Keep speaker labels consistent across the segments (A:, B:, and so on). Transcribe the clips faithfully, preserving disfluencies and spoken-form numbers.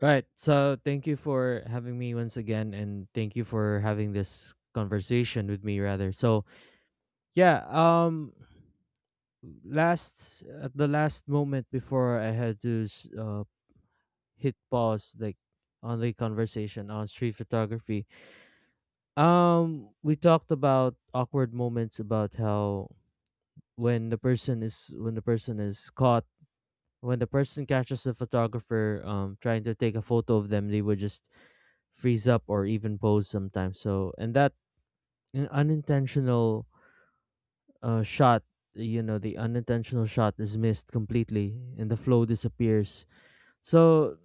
A: Right. So thank you for having me once again and thank you for having this conversation with me rather. So yeah, um last at the last moment before I had to s- uh hit pause like on the conversation on street photography. Um we talked about awkward moments, about how when the person is when the person is caught when the person catches the photographer um trying to take a photo of them. They would just freeze up or even pose sometimes. So, and that an unintentional uh, shot, you know, the unintentional shot is missed completely and the flow disappears. So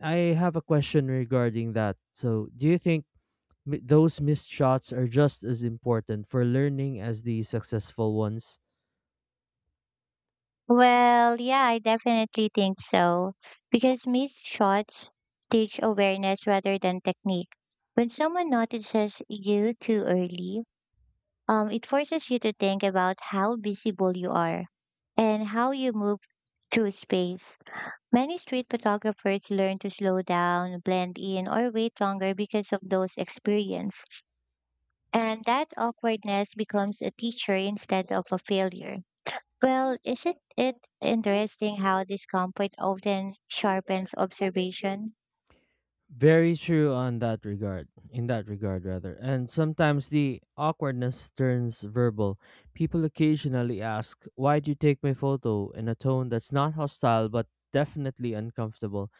A: I have a question regarding that. So do you think mi- those missed shots are just as important for learning as the successful ones?
B: Well, yeah, I definitely think so. Because missed shots teach awareness rather than technique. When someone notices you too early, um, it forces you to think about how visible you are and how you move through space. Many street photographers learn to slow down, blend in, or wait longer because of those experience. And that awkwardness becomes a teacher instead of a failure. Well, isn't it interesting how discomfort often sharpens observation?
A: Very true on that regard, in that regard rather. And sometimes the awkwardness turns verbal. People occasionally ask, "Why do you take my photo?" in a tone that's not hostile but definitely uncomfortable.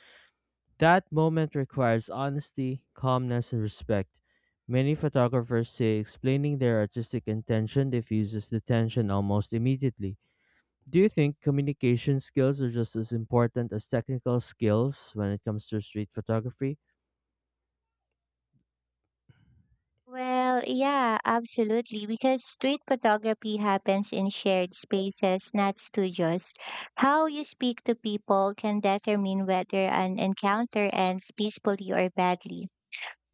A: That moment requires honesty, calmness, and respect. Many photographers say explaining their artistic intention diffuses the tension almost immediately. Do you think communication skills are just as important as technical skills when it comes to street photography?
B: Well, yeah, absolutely, because street photography happens in shared spaces, not studios. How you speak to people can determine whether an encounter ends peacefully or badly.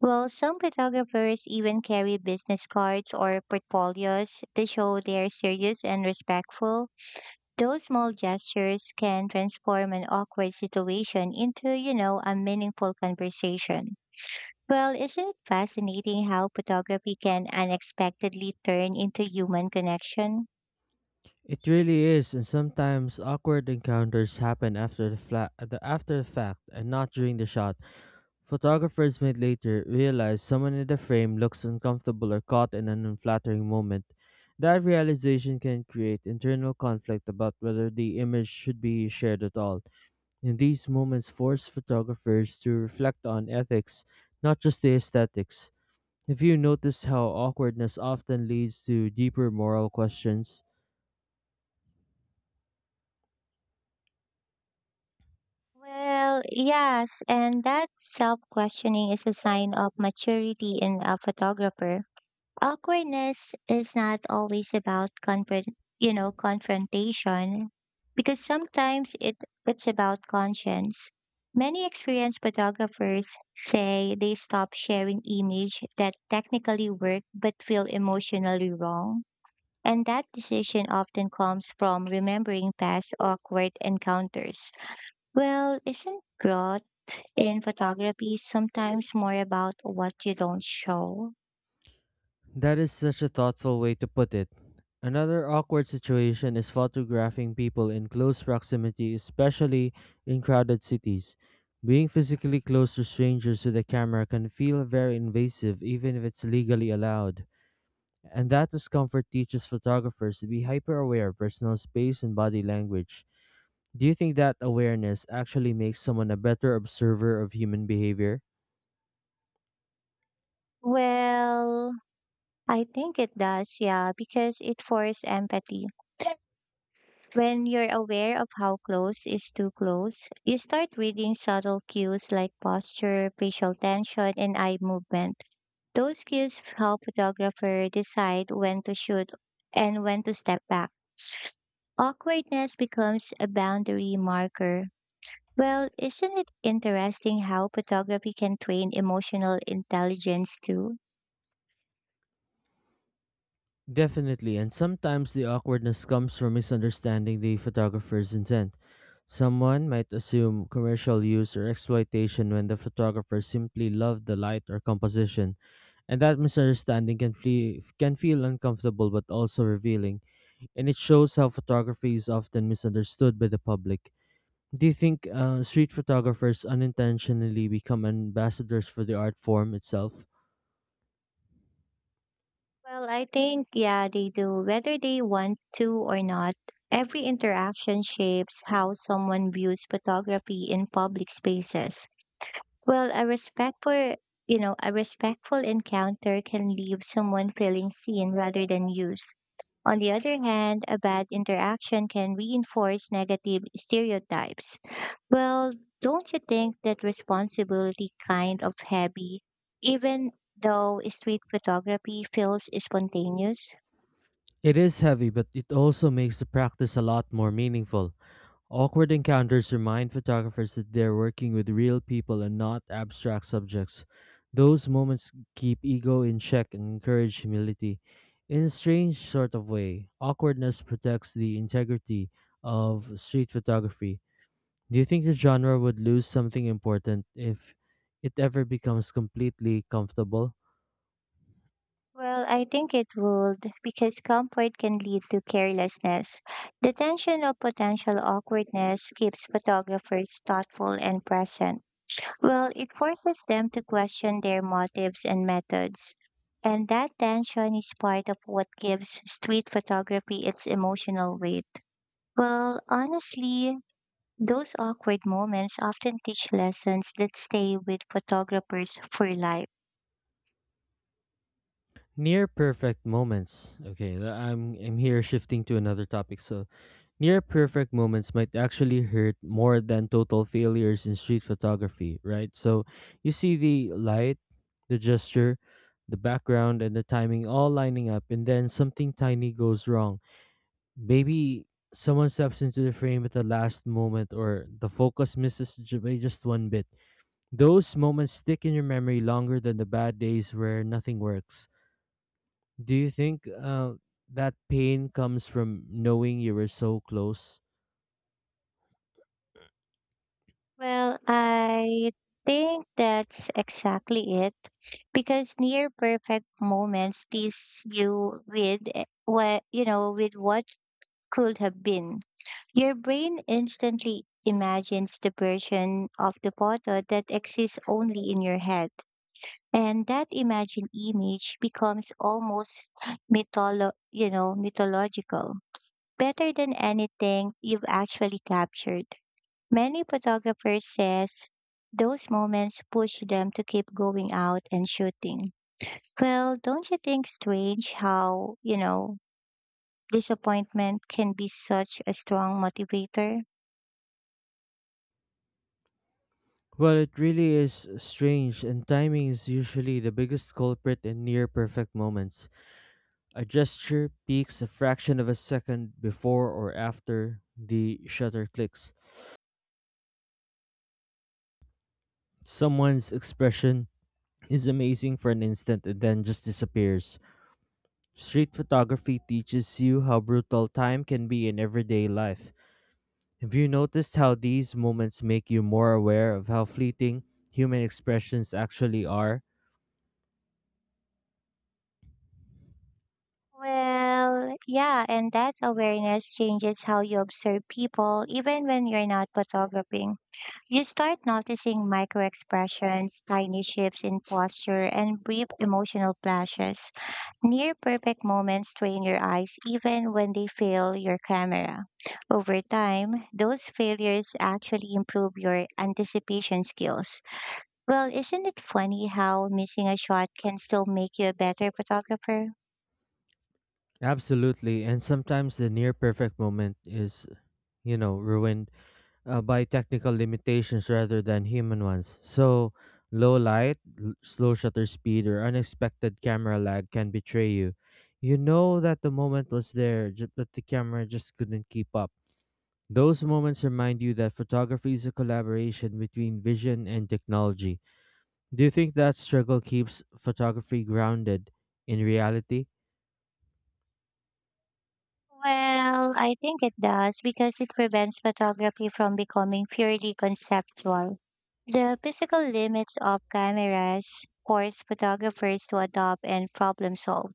B: Well, some photographers even carry business cards or portfolios to show they are serious and respectful. Those small gestures can transform an awkward situation into, you know, a meaningful conversation. Well, isn't it fascinating how photography can unexpectedly turn into human connection?
A: It really is, and sometimes awkward encounters happen after the, fla- the after the fact and not during the shot. Photographers may later realize someone in the frame looks uncomfortable or caught in an unflattering moment. That realization can create internal conflict about whether the image should be shared at all. And these moments force photographers to reflect on ethics, not just the aesthetics. Have you noticed how awkwardness often leads to deeper moral questions?
B: Well, yes, and that self questioning is a sign of maturity in a photographer. Awkwardness is not always about confront, you know, confrontation, because sometimes it, it's about conscience. Many experienced photographers say they stop sharing image that technically work but feel emotionally wrong. And that decision often comes from remembering past awkward encounters. Well, isn't growth in photography sometimes more about what you don't show?
A: That is such a thoughtful way to put it. Another awkward situation is photographing people in close proximity, especially in crowded cities. Being physically close to strangers with a camera can feel very invasive, even if it's legally allowed. And that discomfort teaches photographers to be hyper aware of personal space and body language. Do you think that awareness actually makes someone a better observer of human behavior?
B: Well, I think it does, yeah, because it forces empathy. When you're aware of how close is too close, you start reading subtle cues like posture, facial tension, and eye movement. Those cues help photographer decide when to shoot and when to step back. Awkwardness becomes a boundary marker. Well, isn't it interesting how photography can train emotional intelligence too?
A: Definitely, and sometimes the awkwardness comes from misunderstanding the photographer's intent. Someone might assume commercial use or exploitation when the photographer simply loved the light or composition, and that misunderstanding can, flee, can feel uncomfortable but also revealing, and it shows how photography is often misunderstood by the public. Do you think uh, street photographers unintentionally become ambassadors for the art form itself?
B: Well, I think, yeah, they do, whether they want to or not. Every interaction shapes how someone views photography in public spaces. Well, a respectful, you know, a respectful encounter can leave someone feeling seen rather than used. On the other hand, a bad interaction can reinforce negative stereotypes. Well, don't you think that responsibility kind of heavy, even though street photography feels spontaneous?
A: It is heavy, but it also makes the practice a lot more meaningful. Awkward encounters remind photographers that they're working with real people and not abstract subjects. Those moments keep ego in check and encourage humility. In a strange sort of way, awkwardness protects the integrity of street photography. Do you think the genre would lose something important if it ever becomes completely comfortable?
B: Well, I think it would, because comfort can lead to carelessness. The tension of potential awkwardness keeps photographers thoughtful and present. Well, it forces them to question their motives and methods. And that tension is part of what gives street photography its emotional weight. Well, honestly, those awkward moments often teach lessons that stay with photographers for life.
A: Near perfect moments. Okay, th- I'm I'm here shifting to another topic. So near perfect moments might actually hurt more than total failures in street photography, right? So you see the light, the gesture, the background, and the timing all lining up, and then something tiny goes wrong. Maybe someone steps into the frame at the last moment, or the focus misses ju- by just one bit. Those moments stick in your memory longer than the bad days where nothing works. Do you think uh, that pain comes from knowing you were so close?
B: Well, I think that's exactly it because near perfect moments tease you with eh, what, you know, with what could have been. Your brain instantly imagines the version of the photo that exists only in your head. And that imagined image becomes almost mytholo- you know, mythological, better than anything you've actually captured. Many photographers says those moments push them to keep going out and shooting. Well, don't you think strange how, you know, disappointment can be such a strong motivator?
A: Well, it really is strange, and timing is usually the biggest culprit in near perfect moments. A gesture peaks a fraction of a second before or after the shutter clicks. Someone's expression is amazing for an instant and then just disappears. Street photography teaches you how brutal time can be in everyday life. Have you noticed how these moments make you more aware of how fleeting human expressions actually are?
B: Well, yeah, and that awareness changes how you observe people even when you're not photographing. You start noticing micro expressions, tiny shifts in posture, and brief emotional flashes. Near perfect moments train your eyes even when they fail your camera. Over time, those failures actually improve your anticipation skills. Well, isn't it funny how missing a shot can still make you a better photographer?
A: Absolutely, and sometimes the near perfect moment is, you know, ruined uh, by technical limitations rather than human ones. So, low light, l- slow shutter speed, or unexpected camera lag can betray you. You know that the moment was there, ju- but the camera just couldn't keep up. Those moments remind you that photography is a collaboration between vision and technology. Do you think that struggle keeps photography grounded in reality?
B: Well, I think it does because it prevents photography from becoming purely conceptual. The physical limits of cameras force photographers to adopt and problem solve.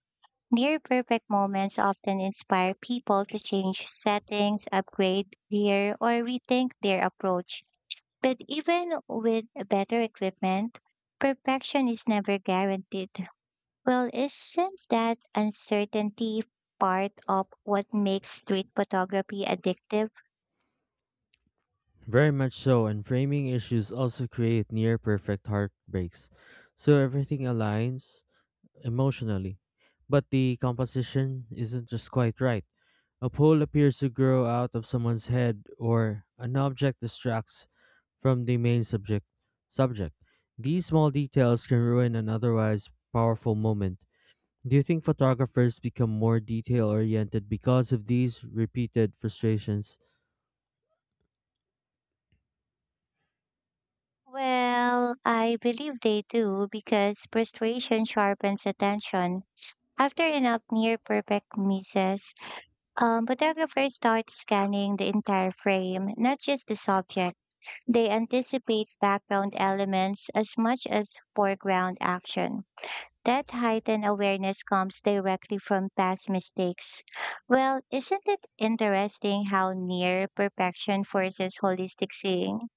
B: Near perfect moments often inspire people to change settings, upgrade gear, or rethink their approach. But even with better equipment, perfection is never guaranteed. Well, isn't that uncertainty part of what makes street photography addictive?
A: Very much so, and framing issues also create near perfect heartbreaks. So everything aligns emotionally, but the composition isn't just quite right. A pole appears to grow out of someone's head, or an object distracts from the main subject. Subject. These small details can ruin an otherwise powerful moment. Do you think photographers become more detail oriented because of these repeated frustrations?
B: Well, I believe they do because frustration sharpens attention. After enough near perfect misses, Um, photographers start scanning the entire frame, not just the subject. They anticipate background elements as much as foreground action. That heightened awareness comes directly from past mistakes. Well, isn't it interesting how near perfection forces holistic seeing?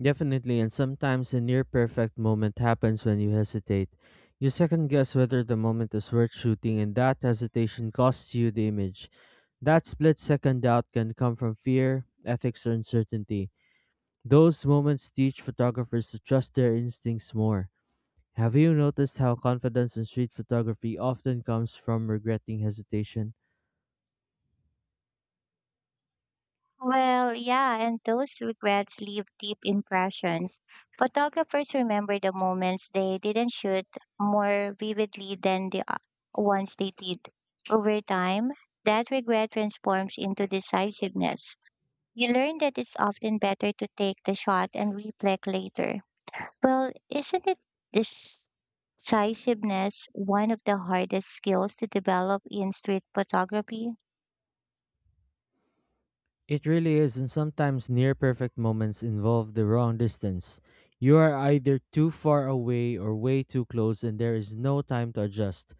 A: Definitely, and sometimes a near perfect moment happens when you hesitate. You second guess whether the moment is worth shooting, and that hesitation costs you the image. That split second doubt can come from fear, ethics, or uncertainty. Those moments teach photographers to trust their instincts more. Have you noticed how confidence in street photography often comes from regretting hesitation?
B: Well, yeah, and those regrets leave deep impressions. Photographers remember the moments they didn't shoot more vividly than the uh, ones they did. Over time, that regret transforms into decisiveness. You learn that it's often better to take the shot and reflect later. Well, isn't it decisiveness one of the hardest skills to develop in street photography?
A: It really is, and sometimes near perfect moments involve the wrong distance. You are either too far away or way too close, and there is no time to adjust.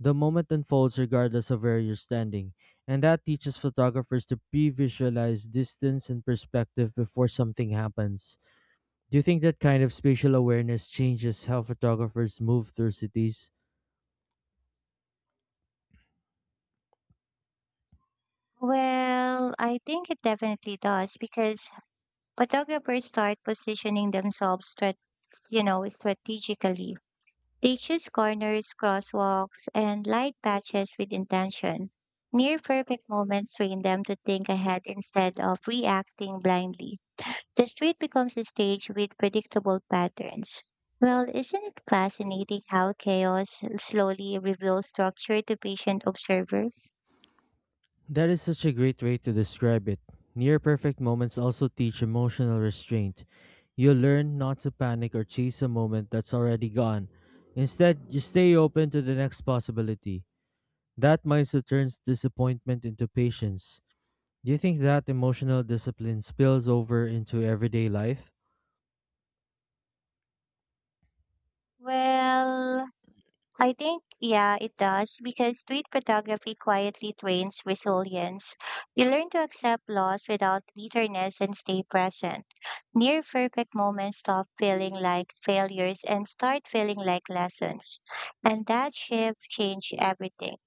A: The moment unfolds regardless of where you're standing, and that teaches photographers to pre visualize distance and perspective before something happens. Do you think that kind of spatial awareness changes how photographers move through cities?
B: Well, I think it definitely does because photographers start positioning themselves strat- you know, strategically. They choose corners, crosswalks, and light patches with intention. Near perfect moments train them to think ahead instead of reacting blindly. The street becomes a stage with predictable patterns. Well, isn't it fascinating how chaos slowly reveals structure to patient observers?
A: That is such a great way to describe it. Near perfect moments also teach emotional restraint. You learn not to panic or chase a moment that's already gone. Instead, you stay open to the next possibility. That mindset turns disappointment into patience. Do you think that emotional discipline spills over into everyday life?
B: Well, I think, yeah, it does because street photography quietly trains resilience. You learn to accept loss without bitterness and stay present. Near perfect moments stop feeling like failures and start feeling like lessons. And that shift changed everything.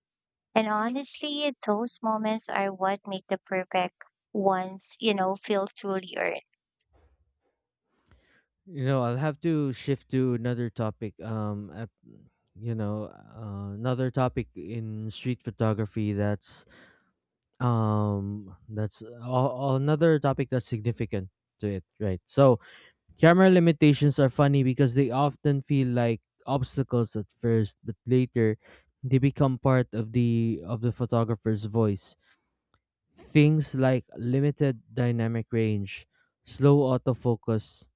B: And honestly, those moments are what make the perfect ones, you know, feel truly earned.
A: You know, I'll have to shift to another topic. Um, at you know, uh, another topic in street photography that's um that's a- another topic that's significant to it, right? So camera limitations are funny because they often feel like obstacles at first, but later they become part of the of the photographer's voice. Things like limited dynamic range, slow autofocus,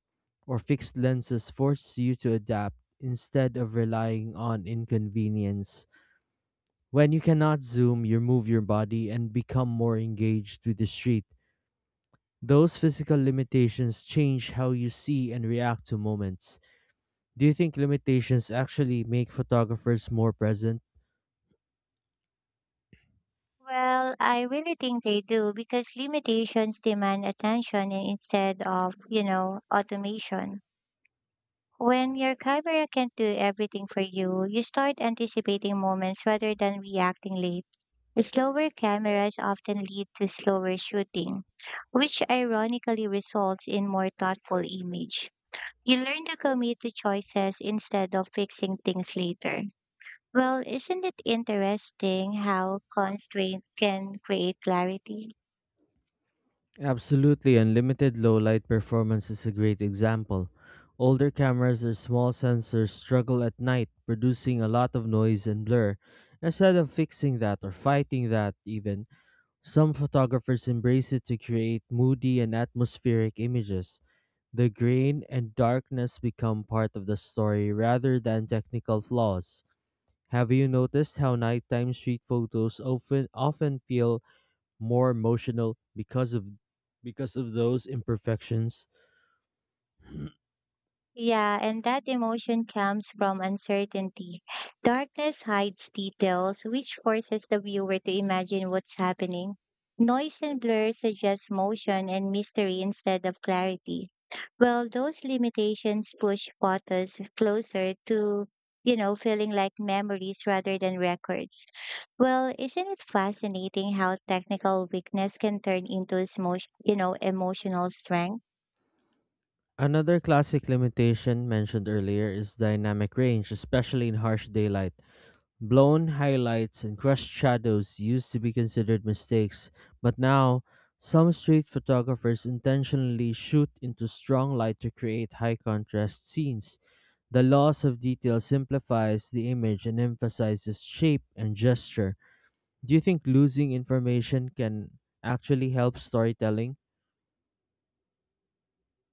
A: or fixed lenses force you to adapt instead of relying on inconvenience. When you cannot zoom, you move your body and become more engaged with the street. Those physical limitations change how you see and react to moments. Do you think limitations actually make photographers more present?
B: Well, I really think they do because limitations demand attention i- instead of, you know, automation. When your camera can't do everything for you, you start anticipating moments rather than reacting late. Slower cameras often lead to slower shooting, which ironically results in more thoughtful image. You learn to commit to choices instead of fixing things later. Well, isn't it interesting how constraint can create clarity?
A: Absolutely, unlimited low light performance is a great example. Older cameras or small sensors struggle at night, producing a lot of noise and blur. Instead of fixing that or fighting that, even, some photographers embrace it to create moody and atmospheric images. The grain and darkness become part of the story rather than technical flaws. Have you noticed how nighttime street photos often often feel more emotional because of because of those imperfections?
B: Yeah, and that emotion comes from uncertainty. Darkness hides details, which forces the viewer to imagine what's happening. Noise and blur suggest motion and mystery instead of clarity. Well, those limitations push photos closer to, you know, feeling like memories rather than records. Well, isn't it fascinating how technical weakness can turn into, emo- you know, emotional strength?
A: Another classic limitation mentioned earlier is dynamic range, especially in harsh daylight. Blown highlights and crushed shadows used to be considered mistakes, but now some street photographers intentionally shoot into strong light to create high contrast scenes. The loss of detail simplifies the image and emphasizes shape and gesture. Do you think losing information can actually help storytelling?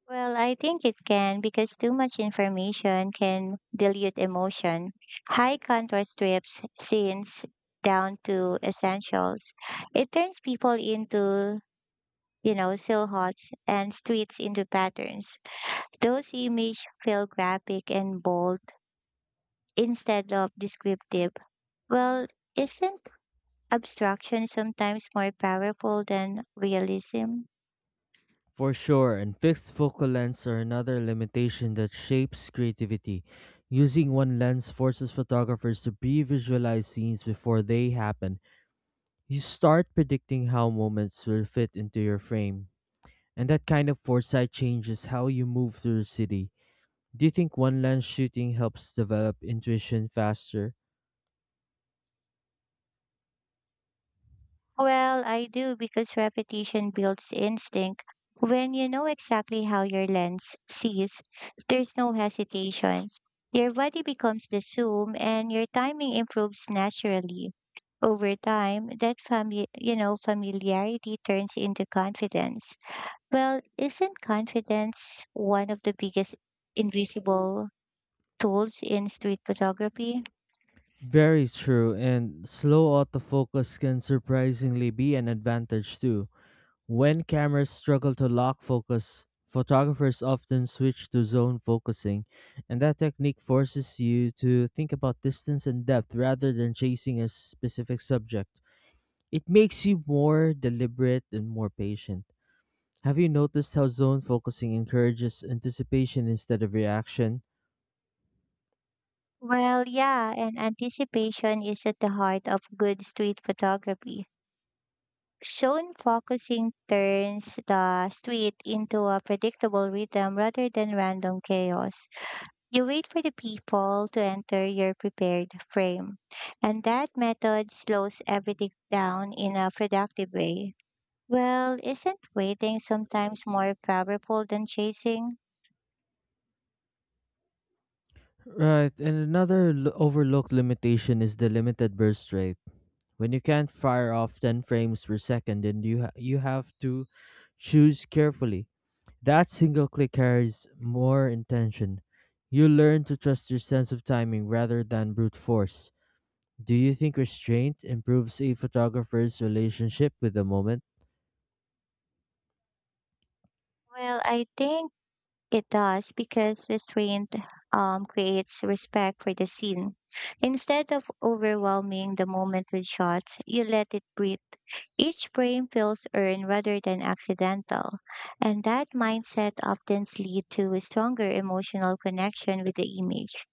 B: Well, I think it can because too much information can dilute emotion. High contrast strips scenes down to essentials. It turns people into, you know, silhouettes and streets into patterns. Those images feel graphic and bold instead of descriptive. Well, isn't abstraction sometimes more powerful than realism?
A: For sure, and fixed focal lengths are another limitation that shapes creativity. Using one lens forces photographers to pre visualize scenes before they happen. You start predicting how moments will fit into your frame. And that kind of foresight changes how you move through the city. Do you think one lens shooting helps develop intuition faster?
B: Well, I do because repetition builds instinct. When you know exactly how your lens sees, there's no hesitation. Your body becomes the zoom and your timing improves naturally. Over time, that fami- you know, familiarity turns into confidence. Well, isn't confidence one of the biggest invisible tools in street photography?
A: Very true, and slow autofocus can surprisingly be an advantage too. When cameras struggle to lock focus, photographers often switch to zone focusing, and that technique forces you to think about distance and depth rather than chasing a specific subject. It makes you more deliberate and more patient. Have you noticed how zone focusing encourages anticipation instead of reaction?
B: Well, yeah, and anticipation is at the heart of good street photography. Zone focusing turns the street into a predictable rhythm rather than random chaos. You wait for the people to enter your prepared frame, and that method slows everything down in a productive way. Well, isn't waiting sometimes more powerful than chasing?
A: Right, and another l- overlooked limitation is the limited burst rate. When you can't fire off ten frames per second, then you ha- you have to choose carefully. That single click carries more intention. You learn to trust your sense of timing rather than brute force. Do you think restraint improves a photographer's relationship with the moment?
B: Well, I think it does because restraint um, creates respect for the scene. Instead of overwhelming the moment with shots, you let it breathe. Each brain feels earned rather than accidental, and that mindset often leads to a stronger emotional connection with the image.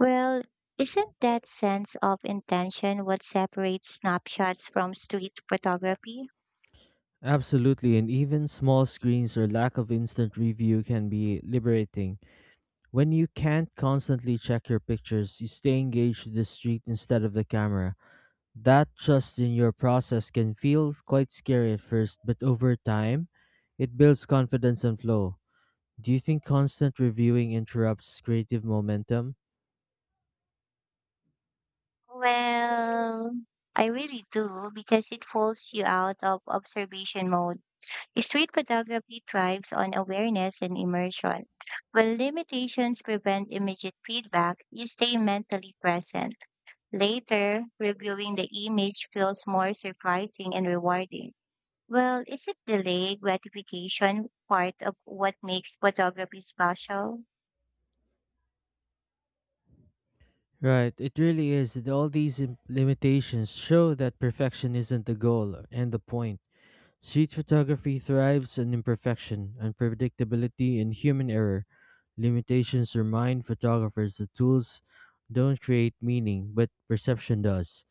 B: Well, isn't that sense of intention what separates snapshots from street photography?
A: Absolutely, and even small screens or lack of instant review can be liberating. When you can't constantly check your pictures, you stay engaged with the street instead of the camera. That trust in your process can feel quite scary at first, but over time, it builds confidence and flow. Do you think constant reviewing interrupts creative momentum?
B: Well, I really do because it pulls you out of observation mode. Street photography thrives on awareness and immersion. When limitations prevent immediate feedback, you stay mentally present. Later, reviewing the image feels more surprising and rewarding. Well, is it delayed gratification part of what makes photography special?
A: Right, it really is. And all these im- limitations show that perfection isn't the goal and the point. Street photography thrives on imperfection, unpredictability, and human error. Limitations remind photographers that tools don't create meaning, but perception does.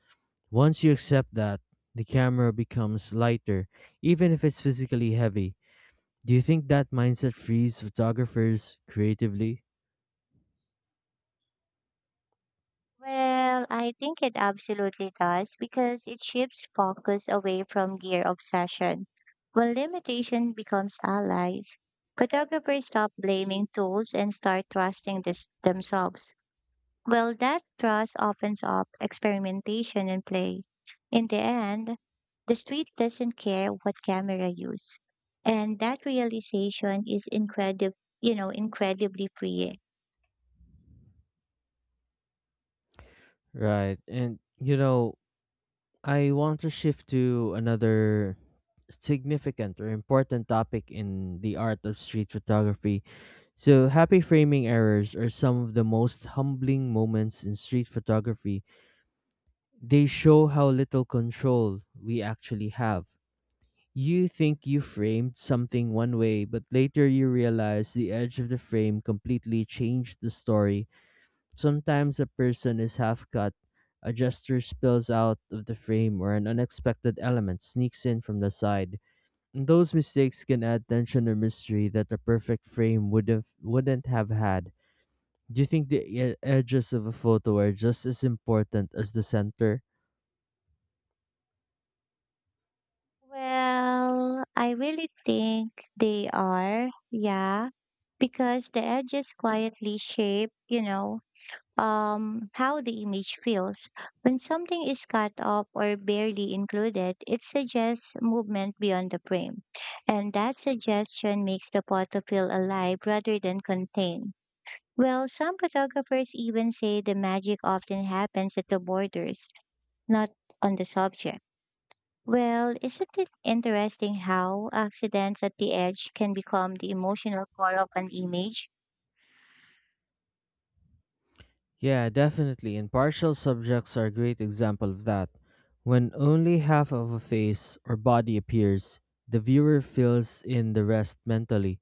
A: Once you accept that, the camera becomes lighter, even if it's physically heavy. Do you think that mindset frees photographers creatively?
B: Well, I think it absolutely does because it shifts focus away from their obsession. When limitation becomes allies, photographers stop blaming tools and start trusting this themselves. Well, that trust opens up experimentation and play. In the end, the street doesn't care what camera use. And that realization is incredible, you know, incredibly freeing.
A: Right. And, you know, I want to shift to another significant or important topic in the art of street photography. So, happy framing errors are some of the most humbling moments in street photography. They show how little control we actually have. You think you framed something one way, but later you realize the edge of the frame completely changed the story. Sometimes a person is half cut, a gesture spills out of the frame, or an unexpected element sneaks in from the side. And those mistakes can add tension or mystery that a perfect frame would have wouldn't have had. Do you think the e- edges of a photo are just as important as the center?
B: Well, I really think they are, yeah, because the edges quietly shape, you know, um, how the image feels. When something is cut off or barely included, it suggests movement beyond the frame. And that suggestion makes the photo feel alive rather than contained. Well, some photographers even say the magic often happens at the borders, not on the subject. Well, isn't it interesting how accidents at the edge can become the emotional core of an image?
A: Yeah, definitely. And partial subjects are a great example of that. When only half of a face or body appears, the viewer fills in the rest mentally.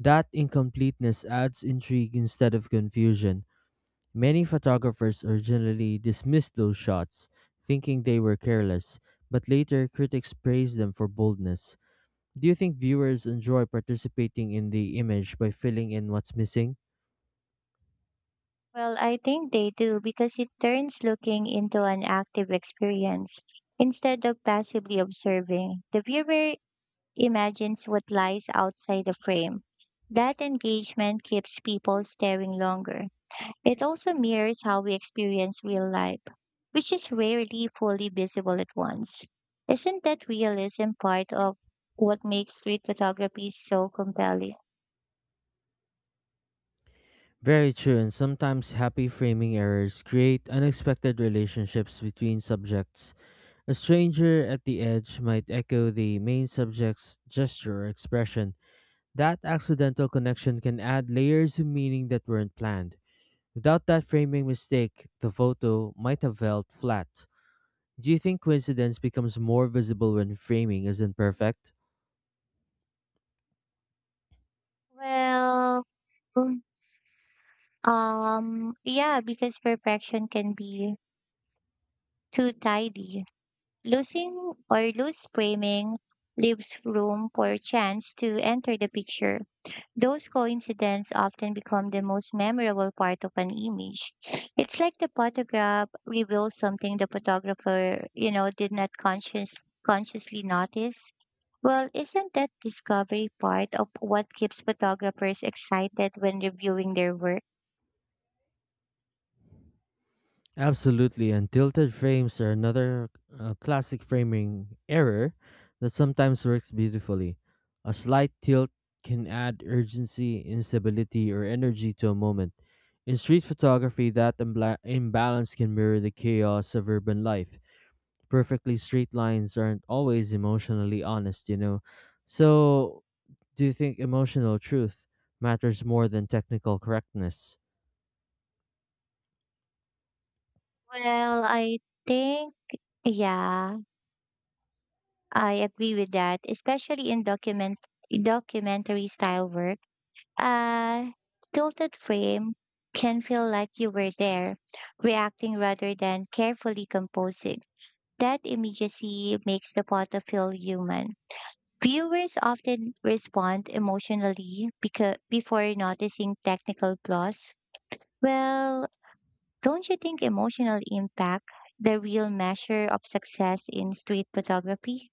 A: That incompleteness adds intrigue instead of confusion. Many photographers originally dismissed those shots, thinking they were careless, but later critics praised them for boldness. Do you think viewers enjoy participating in the image by filling in what's missing?
B: Well, I think they do because it turns looking into an active experience instead of passively observing. The viewer imagines what lies outside the frame. That engagement keeps people staring longer. It also mirrors how we experience real life, which is rarely fully visible at once. Isn't that realism part of what makes street photography so compelling?
A: Very true, and sometimes happy framing errors create unexpected relationships between subjects. A stranger at the edge might echo the main subject's gesture or expression. That accidental connection can add layers of meaning that weren't planned. Without that framing mistake, the photo might have felt flat. Do you think coincidence becomes more visible when framing isn't perfect?
B: Well, Um, yeah, because perfection can be too tidy. Losing or loose framing leaves room for chance to enter the picture. Those coincidences often become the most memorable part of an image. It's like the photograph reveals something the photographer, you know, did not conscious consciously notice. Well, isn't that discovery part of what keeps photographers excited when reviewing their work?
A: Absolutely, and tilted frames are another uh, classic framing error that sometimes works beautifully. A slight tilt can add urgency, instability, or energy to a moment. In street photography, that imbla- imbalance can mirror the chaos of urban life. Perfectly straight lines aren't always emotionally honest, you know. So, do you think emotional truth matters more than technical correctness?
B: Well, I think yeah, I agree with that, especially in document documentary style work. A tilted frame can feel like you were there, reacting rather than carefully composing. That immediacy makes the photo feel human. Viewers often respond emotionally because before noticing technical flaws. Well, don't you think emotional impact the real measure of success in street photography?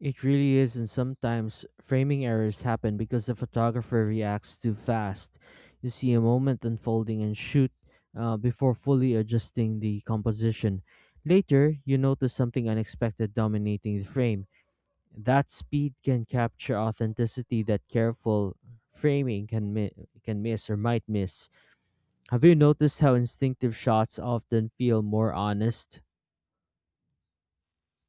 A: It really is, and sometimes framing errors happen because the photographer reacts too fast. You see a moment unfolding and shoot uh, before fully adjusting the composition. Later, you notice something unexpected dominating the frame. That speed can capture authenticity that careful framing can mi- can miss or might miss. Have you noticed how instinctive shots often feel more honest?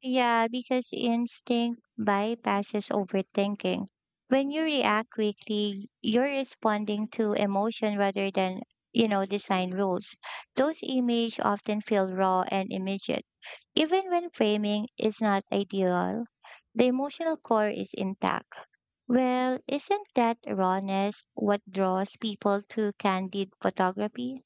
B: Yeah, because instinct bypasses overthinking. When you react quickly, you're responding to emotion rather than, you know, design rules. Those images often feel raw and immediate. Even when framing is not ideal, the emotional core is intact. Well, isn't that rawness what draws people to candid photography?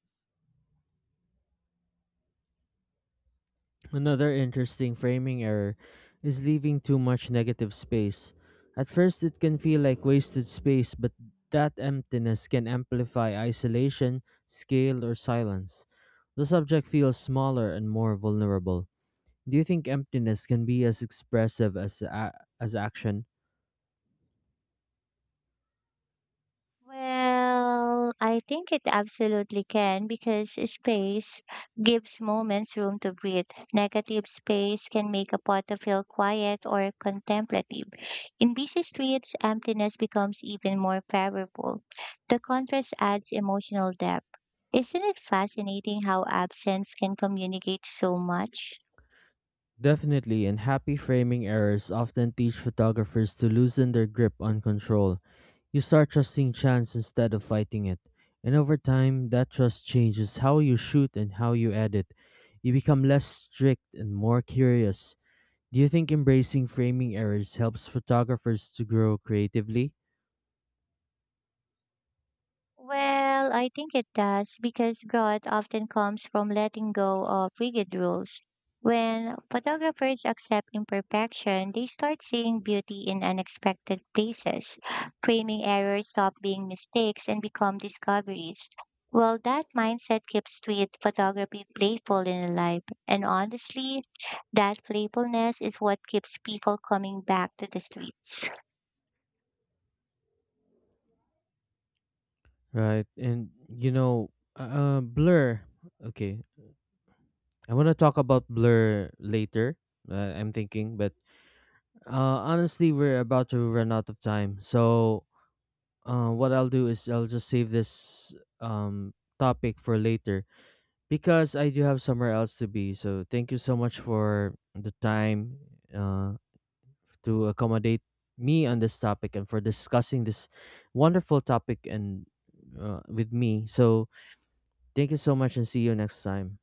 A: Another interesting framing error is leaving too much negative space. At first, it can feel like wasted space, but that emptiness can amplify isolation, scale, or silence. The subject feels smaller and more vulnerable. Do you think emptiness can be as expressive as a- as action?
B: Well, I think it absolutely can because space gives moments room to breathe. Negative space can make a photo feel quiet or contemplative. In busy streets, emptiness becomes even more powerful. The contrast adds emotional depth. Isn't it fascinating how absence can communicate so much?
A: Definitely, and happy framing errors often teach photographers to loosen their grip on control. You start trusting chance instead of fighting it. And over time, that trust changes how you shoot and how you edit. You become less strict and more curious. Do you think embracing framing errors helps photographers to grow creatively?
B: Well, I think it does because growth often comes from letting go of rigid rules. When photographers accept imperfection, they start seeing beauty in unexpected places. Framing errors stop being mistakes and become discoveries. Well, that mindset keeps street photography playful and alive. And honestly, that playfulness is what keeps people coming back to the streets.
A: Right, and you know, uh, uh, Blur. Okay, I want to talk about Blur later. Uh, I'm thinking, but Uh, honestly, we're about to run out of time. So, uh, what I'll do is I'll just save this um topic for later because I do have somewhere else to be. So, thank you so much for the time uh to accommodate me on this topic and for discussing this wonderful topic and uh, with me. So, thank you so much and see you next time.